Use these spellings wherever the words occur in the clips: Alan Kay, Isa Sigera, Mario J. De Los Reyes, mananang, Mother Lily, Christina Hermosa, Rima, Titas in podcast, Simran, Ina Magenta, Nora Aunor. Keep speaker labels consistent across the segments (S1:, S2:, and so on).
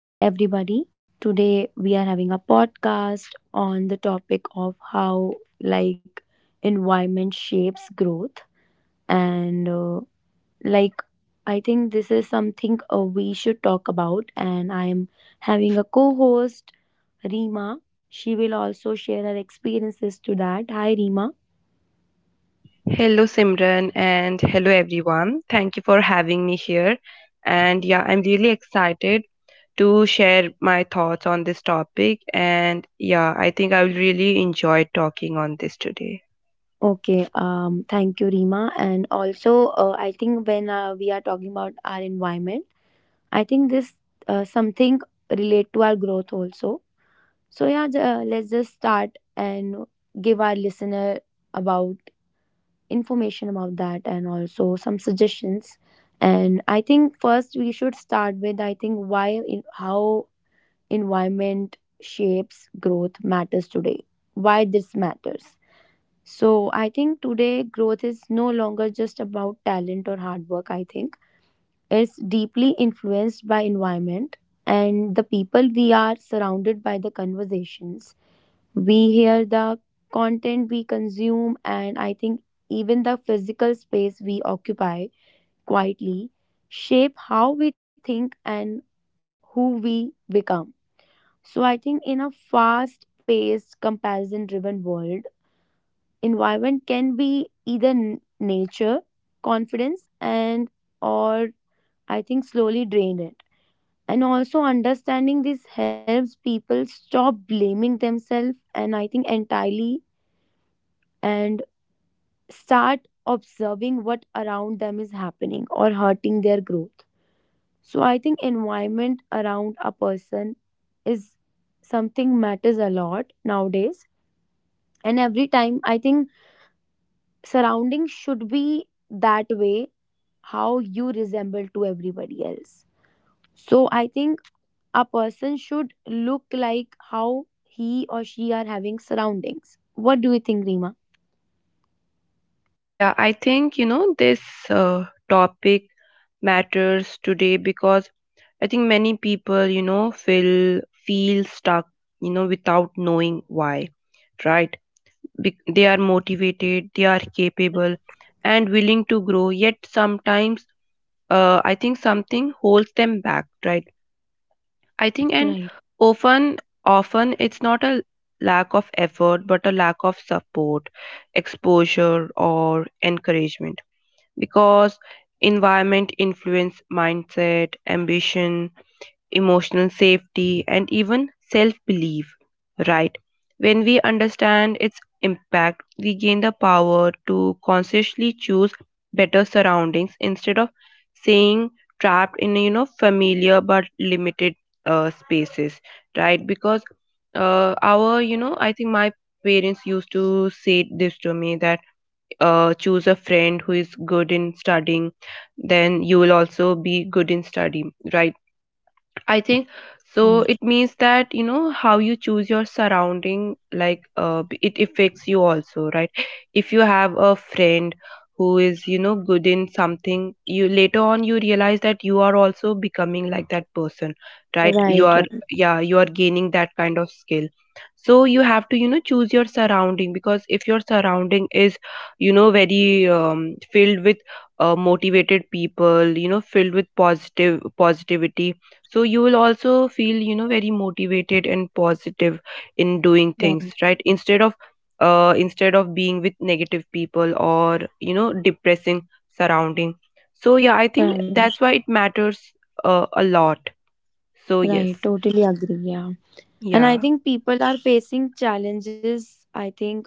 S1: Hi, everybody. Today we are having a podcast on the topic of how, like, environment shapes growth. And, like, I think this is something we should talk about. And I am having a co host, Rima. She will also share her experiences to that. Hi, Rima.
S2: Hello, Simran, and hello, everyone. Thank you for having me here. And yeah, I'm really excited to share my thoughts on this topic. And yeah, I think I will really enjoy talking on this today.
S1: Okay, thank you, Rima. And also, I think when we are talking about our environment, I think this something relate to our growth also. So yeah, let's just start and give our listener about information about that and also some suggestions. And I think first we should start with I think why in, how environment shapes growth matters today. Why this matters. So I think today growth is no longer just about talent or hard work. I think is deeply influenced by environment and the people we are surrounded by, the conversations we hear, the content we consume, and I think even the physical space we occupy quietly shape how we think and who we become. So I think in a fast paced comparison driven world, environment can be either nature confidence and or I think slowly drain it. And also understanding this helps people stop blaming themselves and I think entirely, and start observing what around them is happening or hurting their growth. So I think environment around a person is something matters a lot nowadays, and every time I think surrounding should be that way how you resemble to everybody else. So I think a person should look like how he or she are having surroundings. What do you think, Rima?
S2: Yeah, I think, you know, this topic matters today because I think many people, you know, feel stuck, you know, without knowing why, right? They are motivated, they are capable and willing to grow, yet sometimes I think something holds them back, right? I think and
S1: Right,
S2: often often it's not a lack of effort but a lack of support, exposure, or encouragement, because environment influence mindset, ambition, emotional safety, and even self belief, right? When we understand its impact, we gain the power to consciously choose better surroundings instead of staying trapped in, you know, familiar but limited spaces, right? Because our you know I think my parents used to say this to me that, choose a friend who is good in studying, then you will also be good in study, right? I think so.
S1: right,
S2: It means that, you know, how you choose your surrounding, like, it affects you also, right? If you have a friend who is, you know, good in something, you later on you realize that you are also becoming like that person, right? You
S1: right,
S2: are,
S1: right,
S2: yeah, you are gaining that kind of skill. So you have to, you know, choose your surrounding, because if your surrounding is, you know, very filled with motivated people, you know, filled with positive positivity, so you will also feel, you know, very motivated and positive in doing things, right, instead of instead of being with negative people or, you know, depressing surrounding. So yeah, I think
S1: right, right,
S2: that's why it matters a lot. So yes.
S1: right. Totally agree. Yeah, and I
S2: Yeah.
S1: think people are facing challenges. I think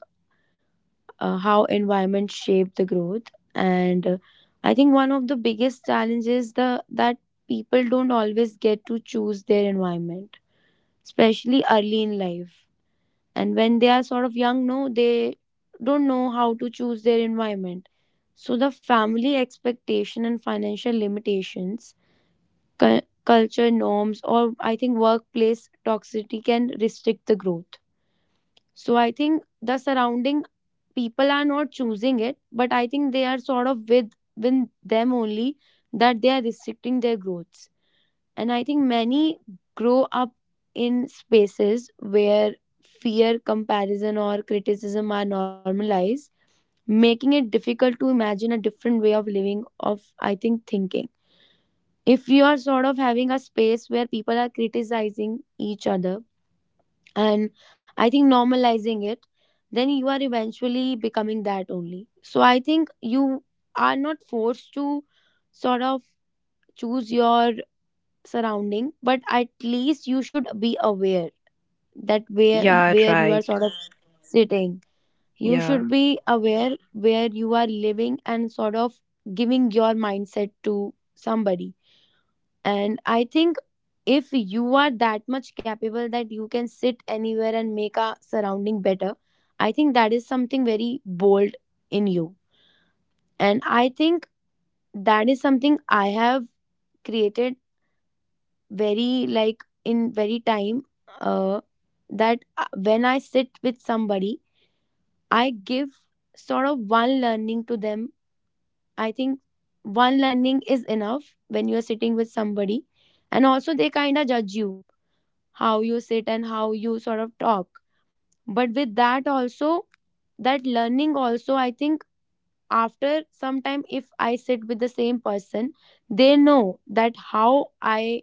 S1: how environment shape the growth, and I think one of the biggest challenges the that people don't always get to choose their environment, especially early in life. And when they are sort of young no they don't know how to choose their environment. So the family expectation and financial limitations, cu- culture norms, or I think workplace toxicity can restrict the growth. So I think the surrounding people are not choosing it, but I think they are sort of with within them only that they are restricting their growths. And I think many grow up in spaces where fear, comparison, or criticism are normalized, making it difficult to imagine a different way of living, of I think thinking. If you are sort of having a space where people are criticizing each other and I think normalizing it, then you are eventually becoming that only. So I think you are not forced to sort of choose your surrounding, but at least you should be aware that
S2: Yeah,
S1: where you are
S2: right.
S1: sort of sitting. You
S2: Yeah,
S1: should be aware where you are living and sort of giving your mindset to somebody. And I think if you are that much capable that you can sit anywhere and make a surrounding better, I think that is something very bold in you. And I think that is something I have created very like in very time uh, that when I sit with somebody, I give sort of one learning to them. I think one learning is enough when you are sitting with somebody, and also they kind of judge you how you sit and how you sort of talk. But with that also, that learning also I think after some time, if I sit with the same person, they know that how I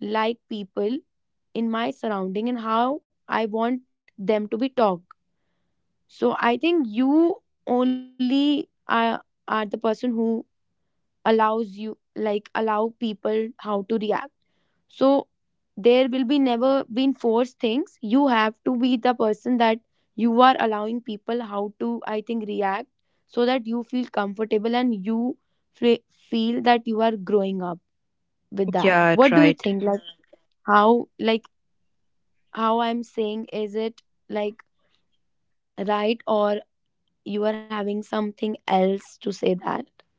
S1: like people in my surrounding and how I want them to be talked. So I think you only are the person who allows you like allow people how to react. So there will be never been forced things. You have to be the person that you are allowing people how to I think react so that you feel comfortable and you fe- feel that you are growing up with that.
S2: yeah,
S1: What do you
S2: right.
S1: think? Like how I'm saying, is it like right, or you are having something else to say that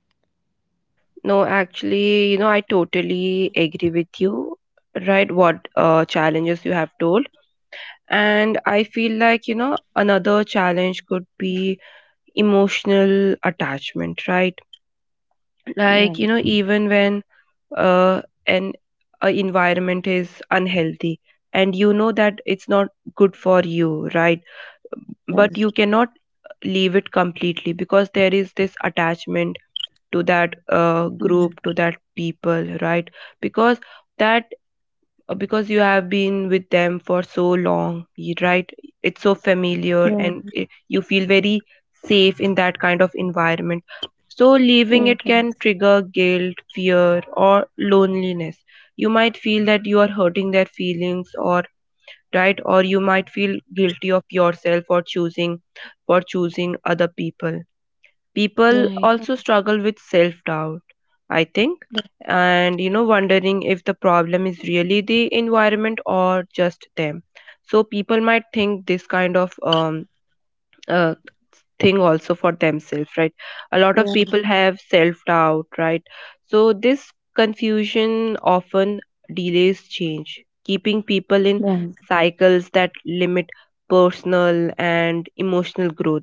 S2: No, actually, you know, I totally agree with you, right? What challenges you have told, and I feel like, you know, another challenge could be emotional attachment, right? Like, you know,
S1: right,
S2: even when uh, an a environment is unhealthy and you know that it's not good for you, right? But you
S1: right.
S2: cannot leave it completely, because there is this attachment to that group,
S1: Mhm.
S2: to that people, right? Because that because you have been with them for so long, right, it's so familiar, and you feel very safe in that kind of environment. So leaving it
S1: Right, right,
S2: can
S1: right,
S2: trigger guilt, fear, or loneliness. You might feel that you are hurting their feelings, or right, or you might feel guilty of yourself for choosing other people. People also
S1: right,
S2: struggle with self doubt, I think, and you know, wondering if the problem is really the environment or just them. So people might think this kind of uh, thing also for themselves, right? A lot of people
S1: right.
S2: have self doubt, right? So this confusion often delays change, keeping people in
S1: Right.
S2: cycles that limit personal and emotional growth.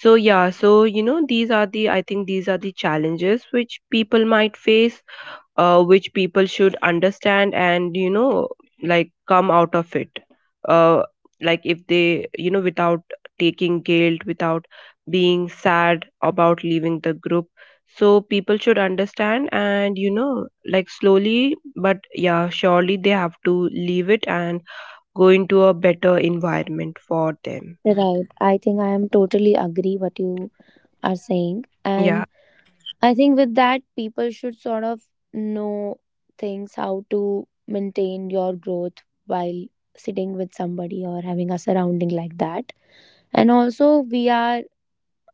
S2: So yeah, so you know, these are the, I think, these are the challenges which people might face, which people should understand, and you know, like come out of it. uh, like if they, you know, without taking guilt, without being sad about leaving the group, so people should understand and, you know, like slowly but yeah, surely they have to leave it and go into a better environment for them.
S1: Right. I think I am totally agree what you are saying.
S2: Yeah.
S1: And I think with that people should sort of know things how to maintain your growth while sitting with somebody or having a surrounding like that. And also we are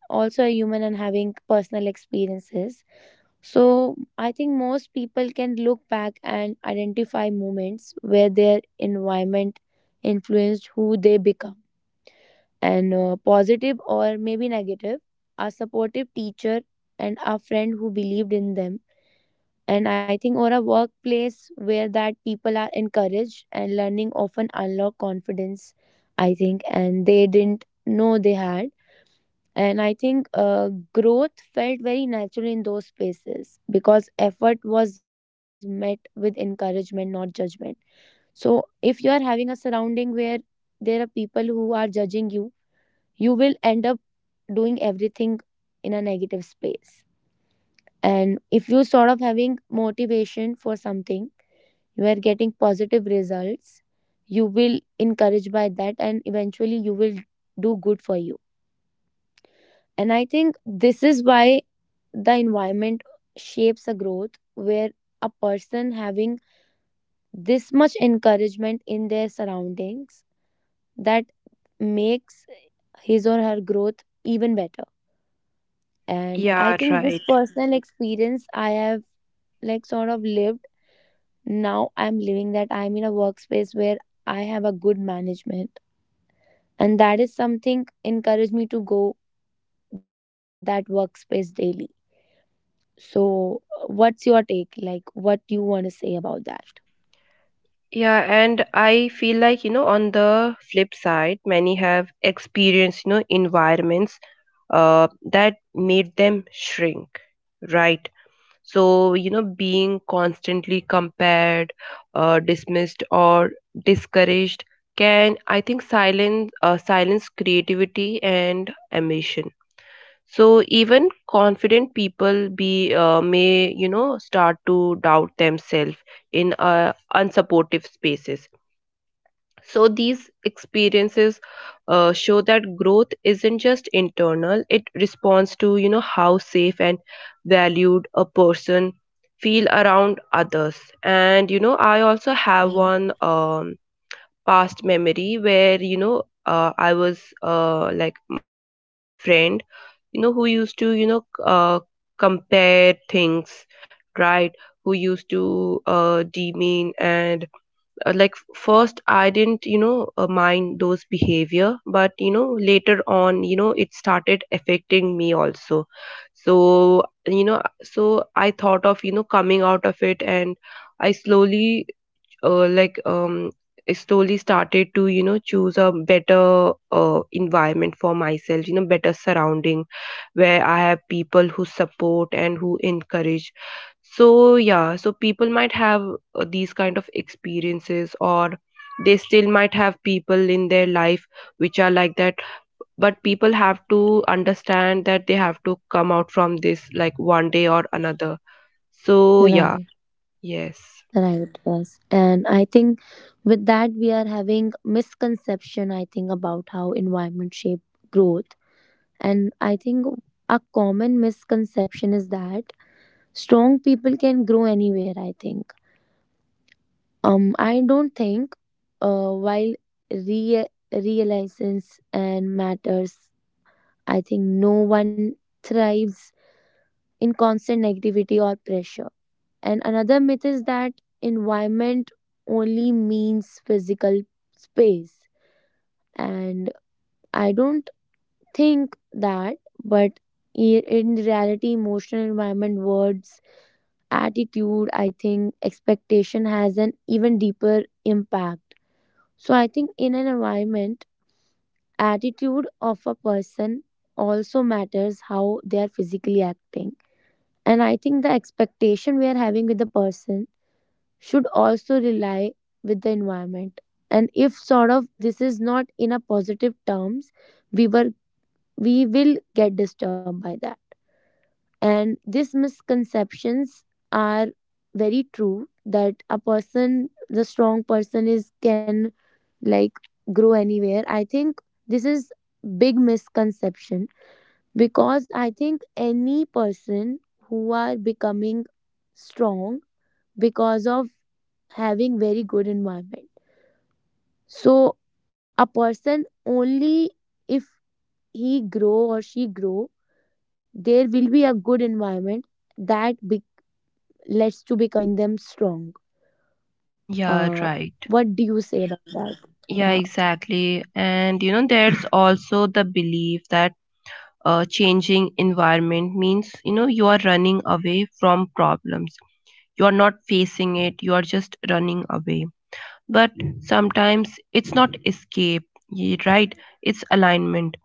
S1: also a human and having personal experiences. So I think most people can look back and identify moments where their environment influenced who they become. And positive or maybe negative, a supportive teacher and a friend who believed in them. And I think or a workplace where that people are encouraged and learning often unlock confidence, I think, and they didn't know they had. And I think growth felt very natural in those spaces because effort was met with encouragement, not judgment. So, if you are having a surrounding where there are people who are judging you, you will end up doing everything in a negative space. And if you sort of having motivation for something, you are getting positive results, you will encourage by that, and eventually you will do good for you. And I think this is why the environment shapes a growth where a person having this much encouragement in their surroundings that makes his or her growth even better. And I
S2: Yeah,
S1: think this
S2: right.
S1: personal experience I have like sort of lived. Now I'm living that I'm in a workspace where I have a good management, and that is something encouraged me to go that workspace daily. So what's your take, like what do you want to say about that?
S2: Yeah, and I feel like, you know, on the flip side, many have experienced, you know, environments that made them shrink, right? So, you know, being constantly compared, dismissed, or discouraged can, I think, silence, silence creativity and ambition. So even confident people be may, you know, start to doubt themselves in unsupportive spaces. So these experiences show that growth isn't just internal; it responds to, you know, how safe and valued a person feel around others. And you know, I also have
S1: Right.
S2: one past memory where, you know, I was like mm, I had a friend, you know, who used to, you know, compare things, right? Who used to demean and like first I didn't, you know, mind those behavior, but you know later on, you know, it started affecting me also. So you know, so I thought of, you know, coming out of it, and I slowly uh, like um I slowly started to, you know, choose a better environment for myself, you know, better surrounding where I have people who support and who encourage. So, yeah, so people might have these kind of experiences, or they still might have people in their life which are like that. But people have to understand that they have to come out from this like one day or another. So, yeah,
S1: Right,
S2: yes.
S1: right, yes. And I think with that we are having misconception I think about how environment shape growth. And I think a common misconception is that strong people can grow anywhere, I think. I don't think while re- realizations and matters, I think no one thrives in constant negativity or pressure. And another myth is that environment only means physical space. And I don't think that, but in reality, emotional environment, words, attitude, I think expectation has an even deeper impact. So I think in an environment, attitude of a person also matters how they are physically acting. And I think the expectation we are having with the person should also rely with the environment. And if sort of this is not in a positive terms, we were we will get disturbed by that. And these misconceptions are very true that a person the strong person is can like grow anywhere. I think this is big misconception because I think any person who are becoming strong because of having very good environment. So a person only if he grow or she grow, there will be a good environment that lets to becoming them strong.
S2: Yeah,
S1: Uh,
S2: right.
S1: what do you say about that?
S2: Yeah,
S1: Yeah,
S2: exactly. And you know, there's also the belief that changing environment means, you know, you are running away from problems, you are not facing it, you are just running away. But sometimes it's not escape, right, it's alignment.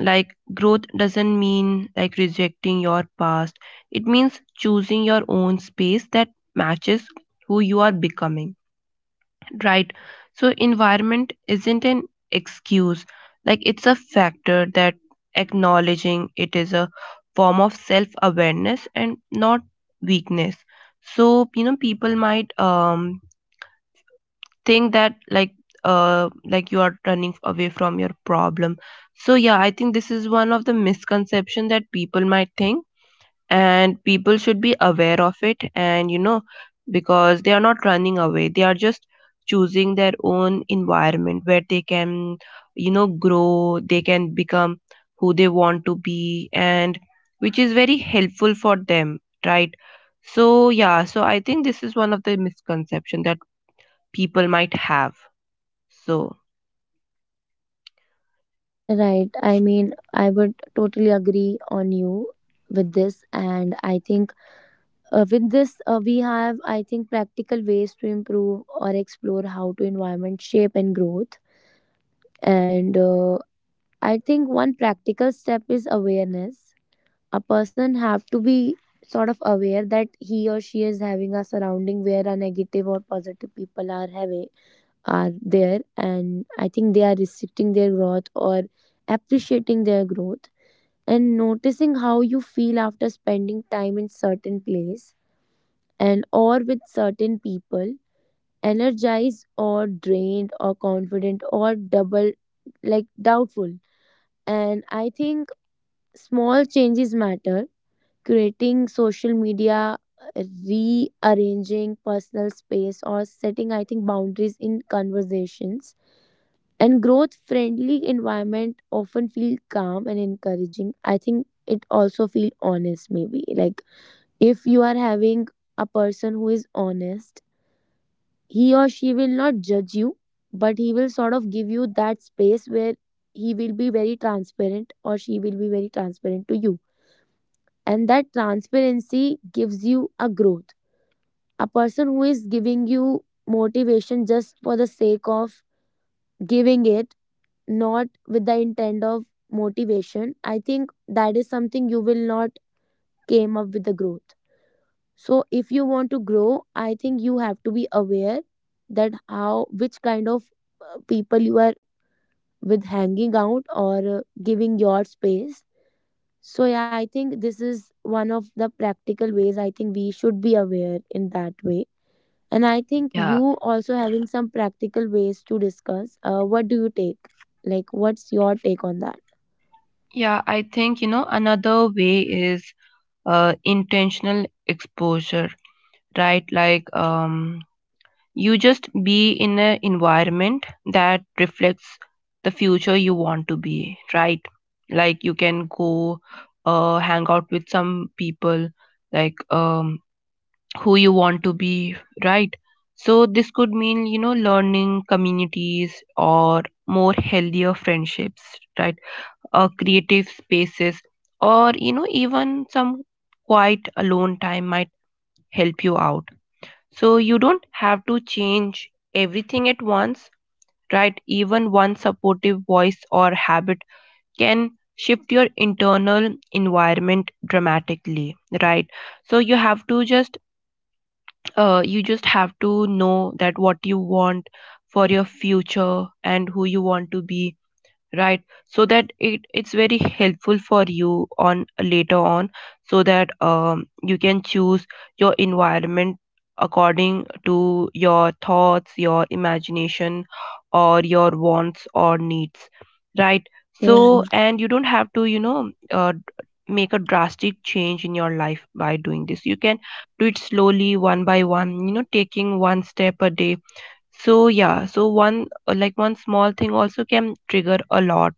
S2: Like growth doesn't mean like rejecting your past, it means choosing your own space that matches who you are becoming. Right. So environment isn't an excuse. Like it's a factor that acknowledging it is a form of self-awareness and not weakness. So, you know, people might think that like you are running away from your problem. So, yeah, I think this is one of the misconception that people might think, and people should be aware of it. And you know, because they are not running away, they are just choosing their own environment where they can, you know, grow, they can become who they want to be, and which is very helpful for them, right? So yeah, so I think this is one of the misconception that people might have. So
S1: right. I mean, I would totally agree on you with this, and I think with this we have, I think, practical ways to improve or explore how to environment shape and growth. And I think one practical step is awareness. A person have to be sort of aware that he or she is having a surrounding where a negative or positive people are having are there, and I think they are restricting their growth or appreciating their growth. And noticing how you feel after spending time in certain place and or with certain people, energized or drained or confident or double like doubtful. And I think small changes matter, creating social media, rearranging personal space, or setting, I think, boundaries in conversations. And growth friendly environment often feel calm and encouraging. I think it also feel honest maybe. Like if you are having a person who is honest, he or she will not judge you, but he will sort of give you that space where he will be very transparent or she will be very transparent to you, and that transparency gives you a growth. A person who is giving you motivation just for the sake of giving it, not with the intent of motivation, I think that is something you will not came up with the growth. So if you want to grow, I think you have to be aware that how which kind of people you are with hanging out or giving your space. So yeah, I think this is one of the practical ways. I think we should be aware in that way. And I think
S2: yeah.
S1: you also having some practical ways to discuss. What do you take? Like, what's your take on that?
S2: Yeah, I think, you know, another way is intentional exposure, right? Like you just be in an environment that reflects the future you want to be, right? Like you can go hang out with some people, like who you want to be, right? So this could mean, you know, learning communities or more healthier friendships, right? Or creative spaces, or you know, even some quiet alone time might help you out. So you don't have to change everything at once, right? Even one supportive voice or habit can shift your internal environment dramatically, right? So you have to just you just have to know that what you want for your future and who you want to be, right? So that it it's very helpful for you on later on. So that you can choose your environment according to your thoughts, your imagination, or your wants or needs, right? So
S1: Right.
S2: and you don't have to, you know, make a drastic change in your life by doing this. You can do it slowly one by one, you know, taking one step a day. So yeah, so one like one small thing also can trigger a lot.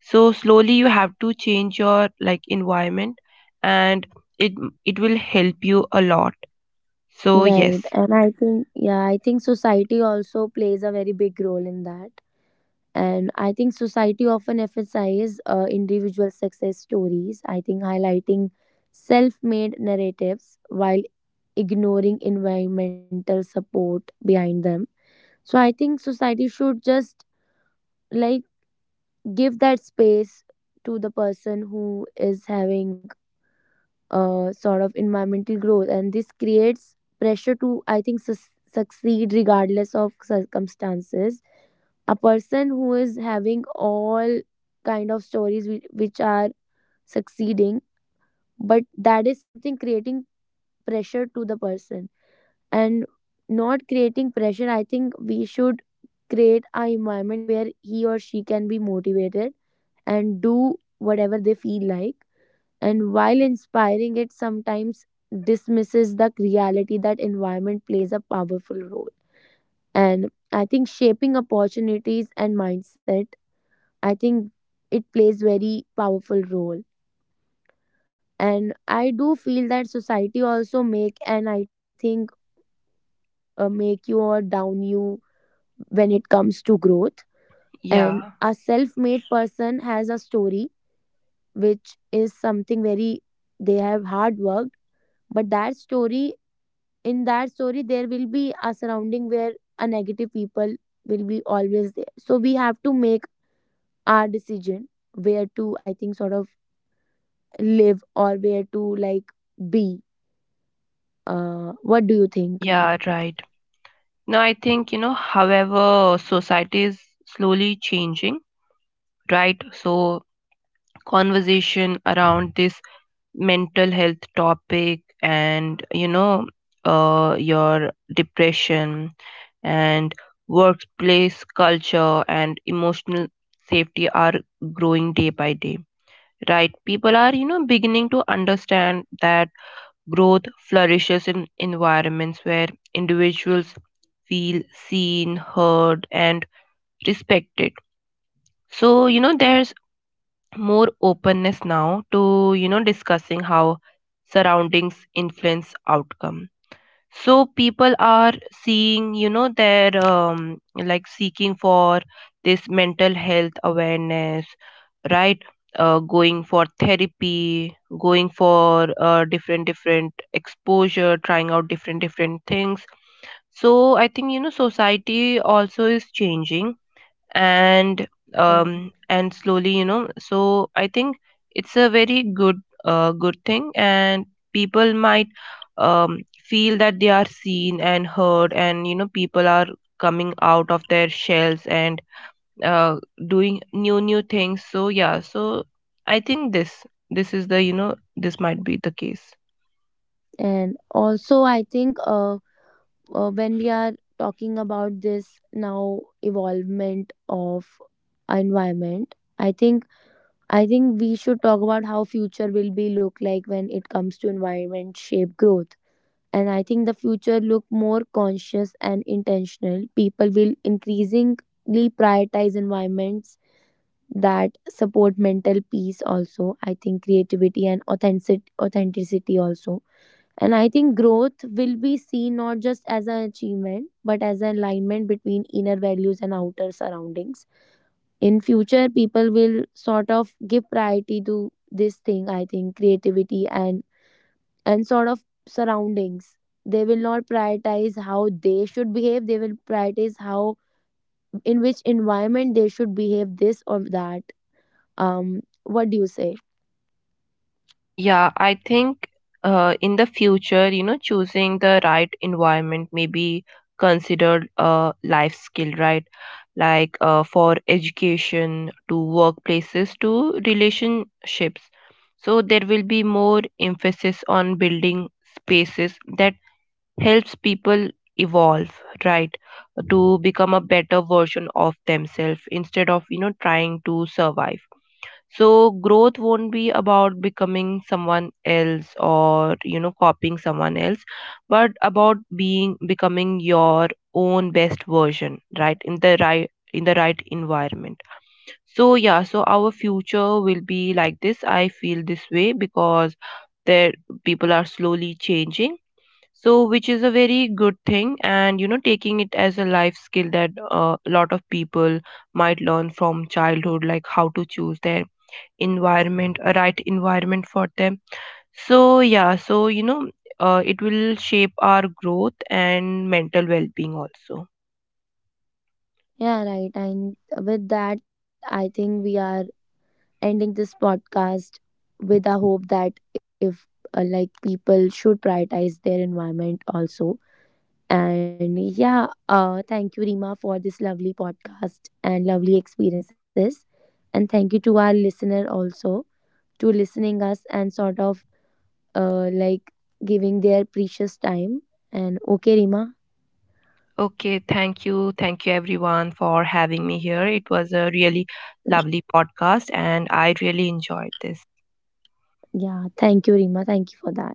S2: So slowly you have to change your like environment, and it it will help you a lot. So yes.
S1: Right. And I think, yeah, I think society also plays a very big role in that. And I think society often emphasizes individual success stories, I think highlighting self made narratives while ignoring environmental support behind them. So I think society should just like give that space to the person who is having a sort of environmental growth, and this creates pressure to, I think, succeed regardless of circumstances. A person who is having all kind of stories which are succeeding, but that is something creating pressure to the person. And not creating pressure, I think we should create a environment where he or she can be motivated and do whatever they feel like. And while inspiring it sometimes dismisses the reality that environment plays a powerful role and I think shaping opportunities and mindset. I think it plays very powerful role. And I do feel that society also make and I think make you or down you when it comes to growth. And
S2: Yeah.
S1: a self-made person has a story which is something very they have hard worked, but that story, in that story there will be a surrounding where a negative people will be always there. So we have to make our decision where to I think sort of live or where to like be. Uh, what do you think?
S2: Yeah, right. Now I think, you know, however society is slowly changing, right? So conversation around this mental health topic and, you know, your depression and workplace culture and emotional safety are growing day by day, right? People are, you know, beginning to understand that growth flourishes in environments where individuals feel seen, heard, and respected. So you know, there's more openness now to, you know, discussing how surroundings influence outcome. So people are seeing, you know, their like seeking for this mental health awareness, right? Going for therapy, going for different different exposure, trying out different different things. So I think, you know, society also is changing, and slowly, you know, so I think it's a very good good thing, and people might feel that they are seen and heard, and you know, people are coming out of their shells and uh doing new new things. So yeah, so I think this is the, you know, this might be the case.
S1: And also I think when we are talking about this now evolvement of environment, I think I think we should talk about how future will be look like when it comes to environment shape growth. And I think the future look more conscious and intentional. People will increasingly prioritize environments that support mental peace also, I think creativity and authenticity also. And I think growth will be seen not just as an achievement but as an alignment between inner values and outer surroundings. In future people will sort of give priority to this thing, I think creativity and sort of surroundings. They will not prioritize how they should behave, they will prioritize how in which environment they should behave this or that. What do you say?
S2: Yeah, I think in the future, you know, choosing the right environment may be considered a life skill, right? Like for education to workplaces to relationships. So there will be more emphasis on building spaces that helps people evolve, right? To become a better version of themselves instead of, you know, trying to survive. So growth won't be about becoming someone else or, you know, copying someone else, but about being becoming your own best version, right? In the right environment. So yeah, so our future will be like this. I feel this way because there people are slowly changing. So which is a very good thing, and you know, taking it as a life skill that a lot of people might learn from childhood, like how to choose their environment, a right environment for them. So yeah, so you know, it will shape our growth and mental well-being also.
S1: Yeah, right. And with that, I think we are ending this podcast with the hope that if like people should prioritize their environment also. And yeah, thank you, Rima, for this lovely podcast and lovely experiences. And thank you to our listener also to listening us and sort of like giving their precious time. And okay, Rima.
S2: Okay, thank you, thank you everyone for having me here. It was a really lovely podcast, and I really enjoyed this.
S1: Yeah, thank you, Rima. Thank you for that.